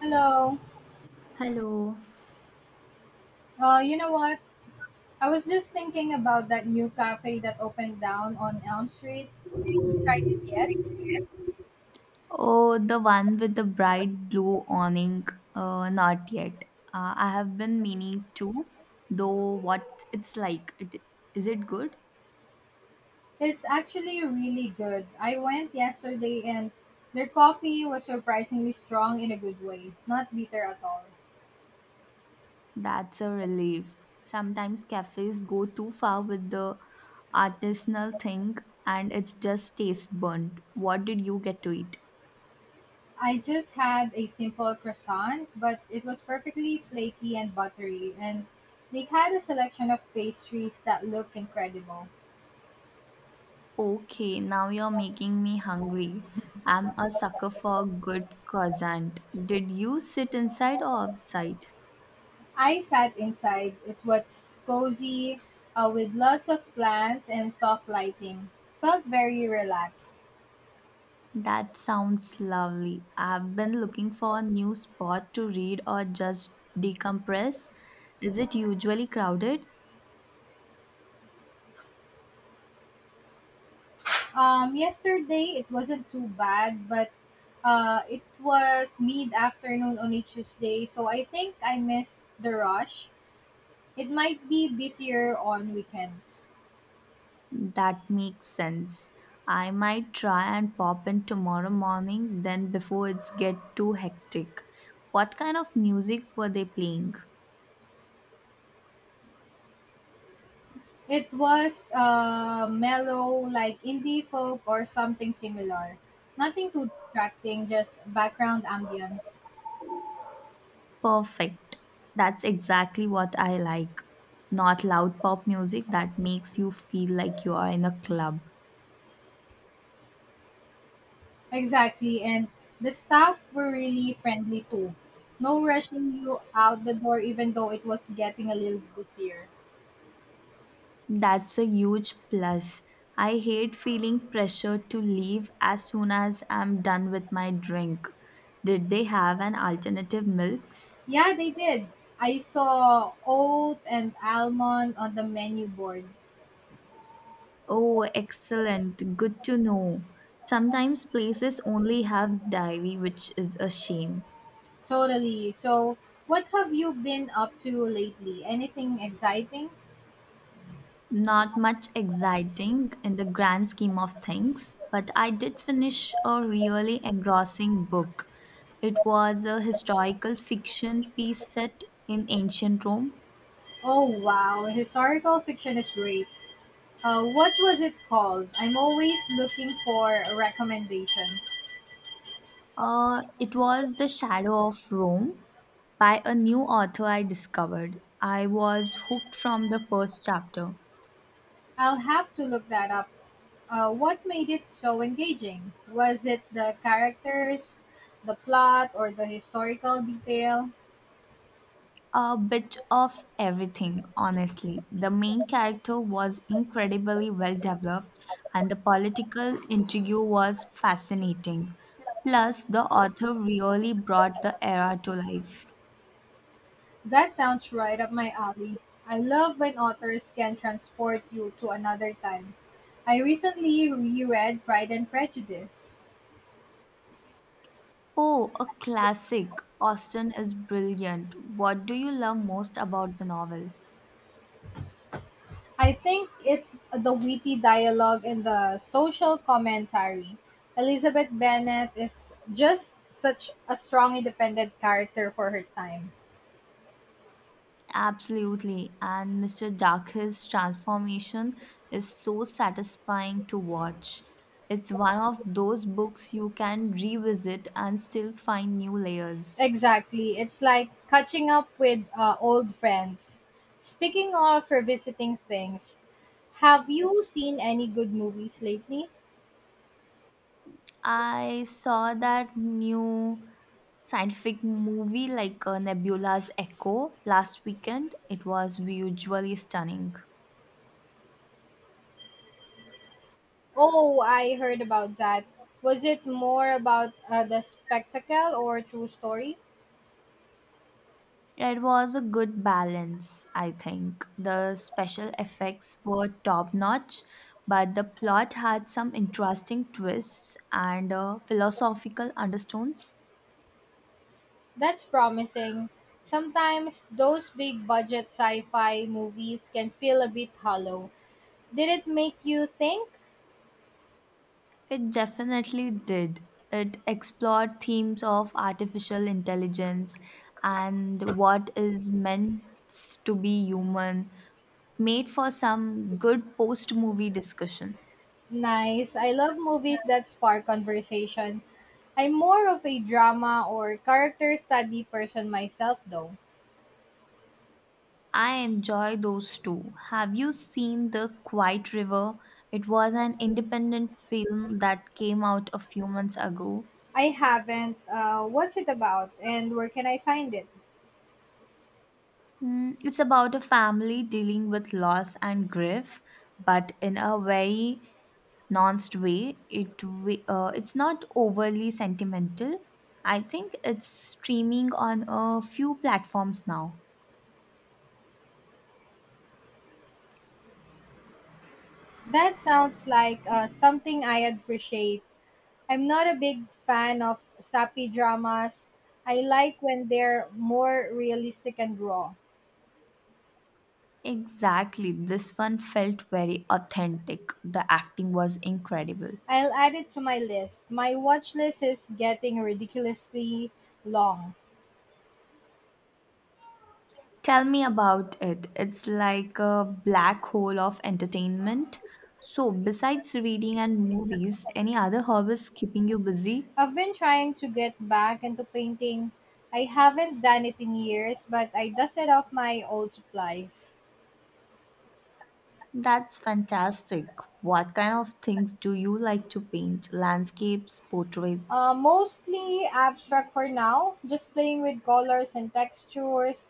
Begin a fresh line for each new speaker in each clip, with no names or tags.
Hello.
Hello.
You know what? I was just thinking about that new cafe that opened down on Elm Street. Tried it yet?
Oh, the one with the bright blue awning. Not yet. I have been meaning to, though what it's like. It, is it good?
It's actually really good. I went yesterday and their coffee was surprisingly strong in a good way, not bitter at all.
That's a relief. Sometimes cafes go too far with the artisanal thing and it's just taste burnt. What did you get to eat?
I just had a simple croissant, but it was perfectly flaky and buttery, and they had a selection of pastries that looked incredible.
Okay, now you're making me hungry. I'm a sucker for good croissant. Did you sit inside or outside?
I sat inside. It was cozy, with lots of plants and soft lighting. Felt very relaxed.
That sounds lovely. I've been looking for a new spot to read or just decompress. Is it usually crowded?
Yesterday it wasn't too bad, but it was mid afternoon on a Tuesday, so I think I missed the rush. It might be busier on weekends.
That makes sense. I might try and pop in tomorrow morning then before it's get too hectic. What kind of music were they playing?
It was mellow, like indie folk or something similar. Nothing too distracting, just background ambience.
Perfect. That's exactly what I like. Not loud pop music that makes you feel like you are in a club.
Exactly. And the staff were really friendly too. No rushing you out the door, even though it was getting a little busier.
That's a huge plus. I hate feeling pressure to leave as soon as I'm done with my drink. Did they have an alternative milks?
Yeah, they did. I saw oat and almond on the menu board.
Oh, excellent. Good to know. Sometimes places only have dairy, which is a shame.
Totally. So, what have you been up to lately? Anything exciting?
Not much exciting in the grand scheme of things, but I did finish a really engrossing book. It was a historical fiction piece set in ancient Rome.
Oh, wow. Historical fiction is great. What was it called? I'm always looking for a recommendation.
It was The Shadow of Rome by a new author I discovered. I was hooked from the first chapter.
I'll have to look that up. What made it so engaging? Was it the characters, the plot, or the historical detail?
A bit of everything, honestly. The main character was incredibly well developed, and the political intrigue was fascinating. Plus, the author really brought the era to life.
That sounds right up my alley. I love when authors can transport you to another time. I recently reread Pride and Prejudice.
Oh, a classic. Austen is brilliant. What do you love most about the novel?
I think it's the witty dialogue and the social commentary. Elizabeth Bennet is just such a strong independent character for her time.
Absolutely. And Mr. Dark's transformation is so satisfying to watch. It's one of those books you can revisit and still find new layers.
Exactly. It's like catching up with old friends. Speaking of revisiting things, have you seen any good movies lately?
I saw that new scientific movie like Nebula's Echo last weekend. It was visually stunning.
Oh, I heard about that. Was it more about the spectacle or true story?
It was a good balance, I think. The special effects were top notch, but the plot had some interesting twists and philosophical undertones.
That's promising. Sometimes those big budget sci fi movies can feel a bit hollow. Did it make you think?
It definitely did. It explored themes of artificial intelligence and what is meant to be human, made for some good post movie discussion.
Nice. I love movies that spark conversation. I'm more of a drama or character study person myself, though.
I enjoy those too. Have you seen The Quiet River? It was an independent film that came out a few months ago.
I haven't. What's it about, and where can I find it?
Mm, it's about a family dealing with loss and grief, but in a very nuanced way. It's not overly sentimental. I think it's streaming on a few platforms now.
That sounds like something I appreciate. I'm not a big fan of sappy dramas. I like when they're more realistic and raw.
Exactly. This one felt very authentic. The acting was incredible.
I'll add it to my list. My watch list is getting ridiculously long.
Tell me about it. It's like a black hole of entertainment. So, besides reading and movies, any other hobbies keeping you busy?
I've been trying to get back into painting. I haven't done it in years, but I dusted off my old supplies.
That's fantastic. What kind of things do you like to paint? Landscapes, portraits?
Mostly abstract for now, just playing with colors and textures.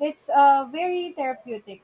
It's very therapeutic.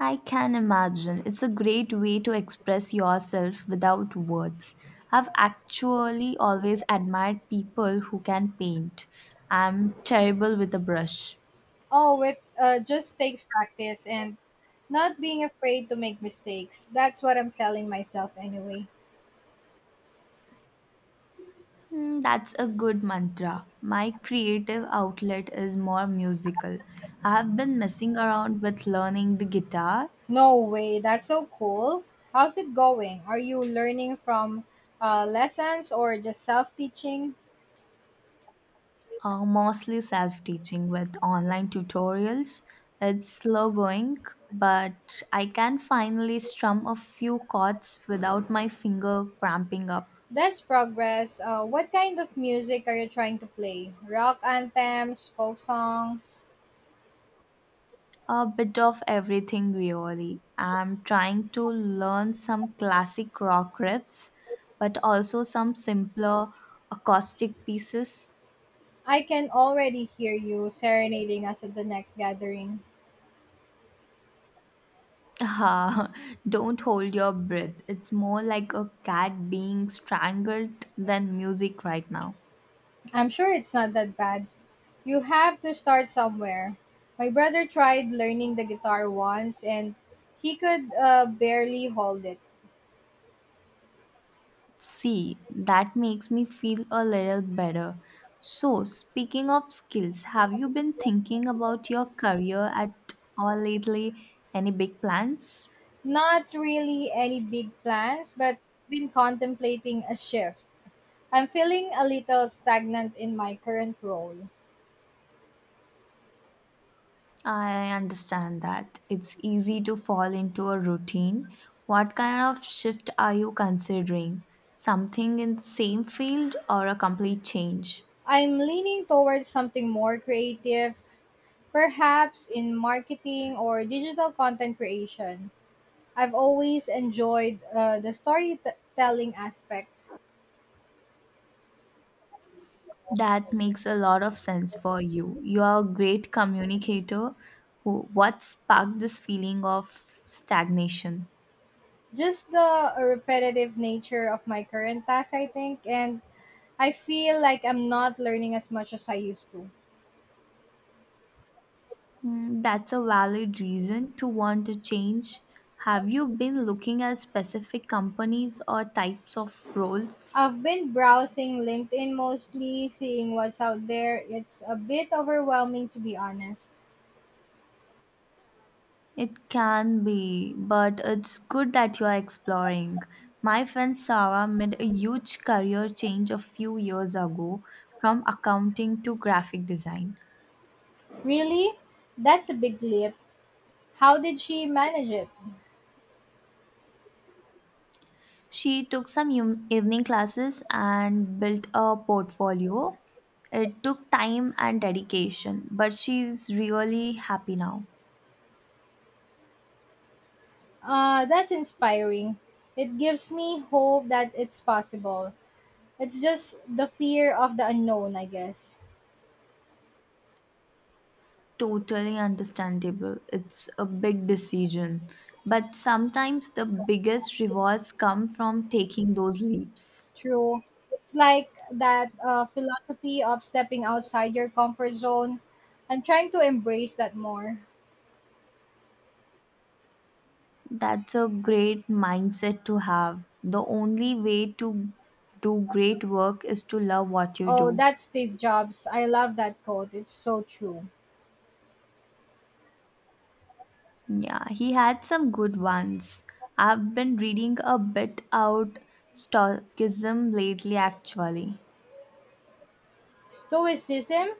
I can imagine. It's a great way to express yourself without words. I've actually always admired people who can paint. I'm terrible with a brush.
Oh, it just takes practice and not being afraid to make mistakes. That's what I'm telling myself anyway.
Hmm, that's a good mantra. My creative outlet is more musical. I have been messing around with learning the guitar,
No way, that's so cool. How's it going? Are you learning from lessons or just self teaching?
mostly self teaching with online tutorials. It's slow going, but I can finally strum a few chords without my finger cramping up.
That's progress. What kind of music are you trying to play? Rock anthems, folk songs?
A bit of everything, really. I'm trying to learn some classic rock riffs, but also some simpler acoustic pieces.
I can already hear you serenading us at the next gathering.
Ah, don't hold your breath. It's more like a cat being strangled than music right now.
I'm sure it's not that bad. You have to start somewhere. My brother tried learning the guitar once and he could barely hold it.
See, that makes me feel a little better. So, speaking of skills, have you been thinking about your career at all lately? Any big plans?
Not really any big plans, but been contemplating a shift. I'm feeling a little stagnant in my current role.
I understand that. It's easy to fall into a routine. What kind of shift are you considering? Something in the same field or a complete change?
I'm leaning towards something more creative, perhaps in marketing or digital content creation. I've always enjoyed the storytelling aspect,
That makes a lot of sense for you. You are a great communicator. Who, what sparked this feeling of stagnation?
just the repetitive nature of my current task, I think, and I feel like I'm not learning as much as I used to.
Hmm, that's a valid reason to want to change. Have you been looking at specific companies or types of roles?
I've been browsing LinkedIn mostly, seeing what's out there. It's a bit overwhelming to be honest.
It can be, but it's good that you are exploring. My friend Sarah made a huge career change a few years ago from accounting to graphic design.
Really? That's a big leap. How did she manage it?
She took some ev- evening classes and built a portfolio. It took time and dedication, but she's really happy now.
That's inspiring. It gives me hope that it's possible. It's just the fear of the unknown, I guess.
Totally understandable. It's a big decision. But sometimes the biggest rewards come from taking those leaps.
True. It's like that philosophy of stepping outside your comfort zone. I'm trying to embrace that more.
That's a great mindset to have. The only way to do great work is to love what you
Oh,
do.
that's Steve Jobs. I love that quote. It's so true.
Yeah, he had some good ones. I've been reading a bit out stoicism lately actually.
Stoicism?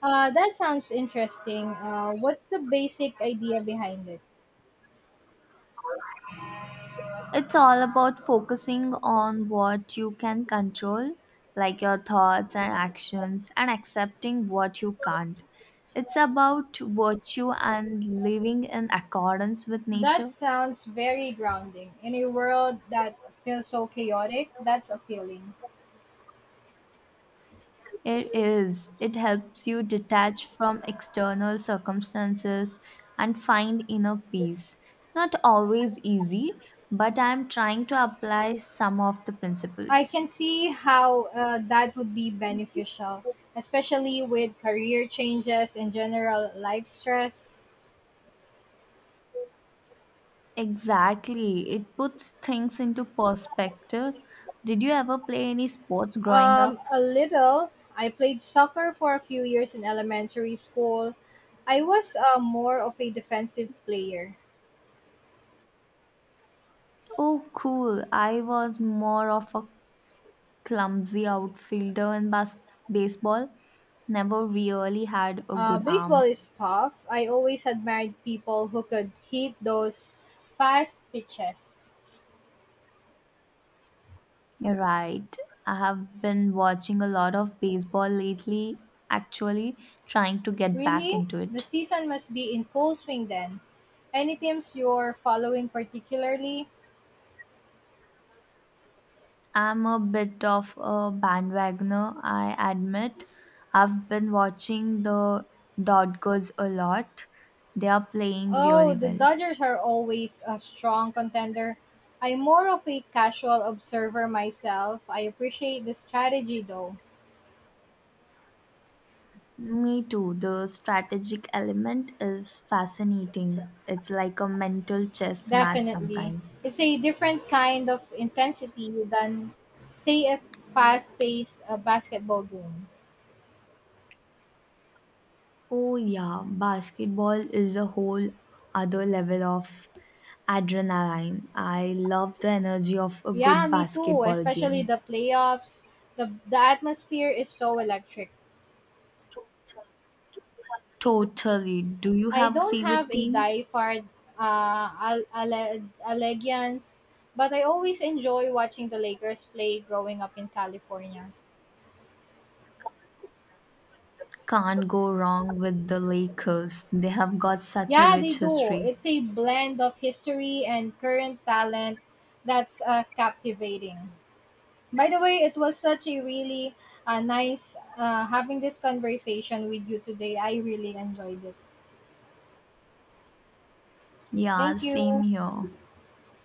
That sounds interesting. What's the basic idea behind it?
It's all about focusing on what you can control, like your thoughts and actions, and accepting what you can't. It's about virtue and living in accordance with
That
nature.
sounds very grounding. In a world that feels so chaotic, that's appealing.
It is. It helps you detach from external circumstances and find inner peace. Not always easy, but I am trying to apply some of the
I
principles.
can see how that would be beneficial, especially with career changes and general life stress.
Exactly. It puts things into perspective. Did you ever play any sports growing up?
A little. I played soccer for a few years in elementary school. I was more of a defensive player.
Oh, cool. I was more of a clumsy outfielder in baseball. Never really had a good
Baseball
arm.
is tough. I always admired people who could hit those fast pitches.
You're right. I have been watching a lot of baseball lately, actually trying to get back
Really?
into
The
it.
season must be in full swing then. Any teams you're following particularly?
I'm a bit of a bandwagoner, I admit. I've been watching the Dodgers a lot. They are playing
Oh,
really
the
well.
Dodgers are always a strong contender. I'm more of a casual observer myself. I appreciate the strategy though.
Me too. The strategic element is fascinating. It's like a mental chess match
Definitely.
sometimes.
It's a different kind of intensity than, say, a fast paced basketball game.
Oh, yeah, basketball is a whole other level of adrenaline. I love the energy of a
Yeah,
good
me too,
basketball
especially
game.
the playoffs. The atmosphere is so electric.
Totally. Do you
I
have a
don't
favorite
have a
team?
diehard allegiance, but I always enjoy watching the Lakers play growing up in California.
Can't go wrong with the Lakers. They have got such a
Yeah, they
rich
do.
history.
It's a blend of history and current talent that's captivating. By the way, it was such a really nice having this conversation with you today. I really enjoyed it.
Yeah,
Thank
same
you.
here.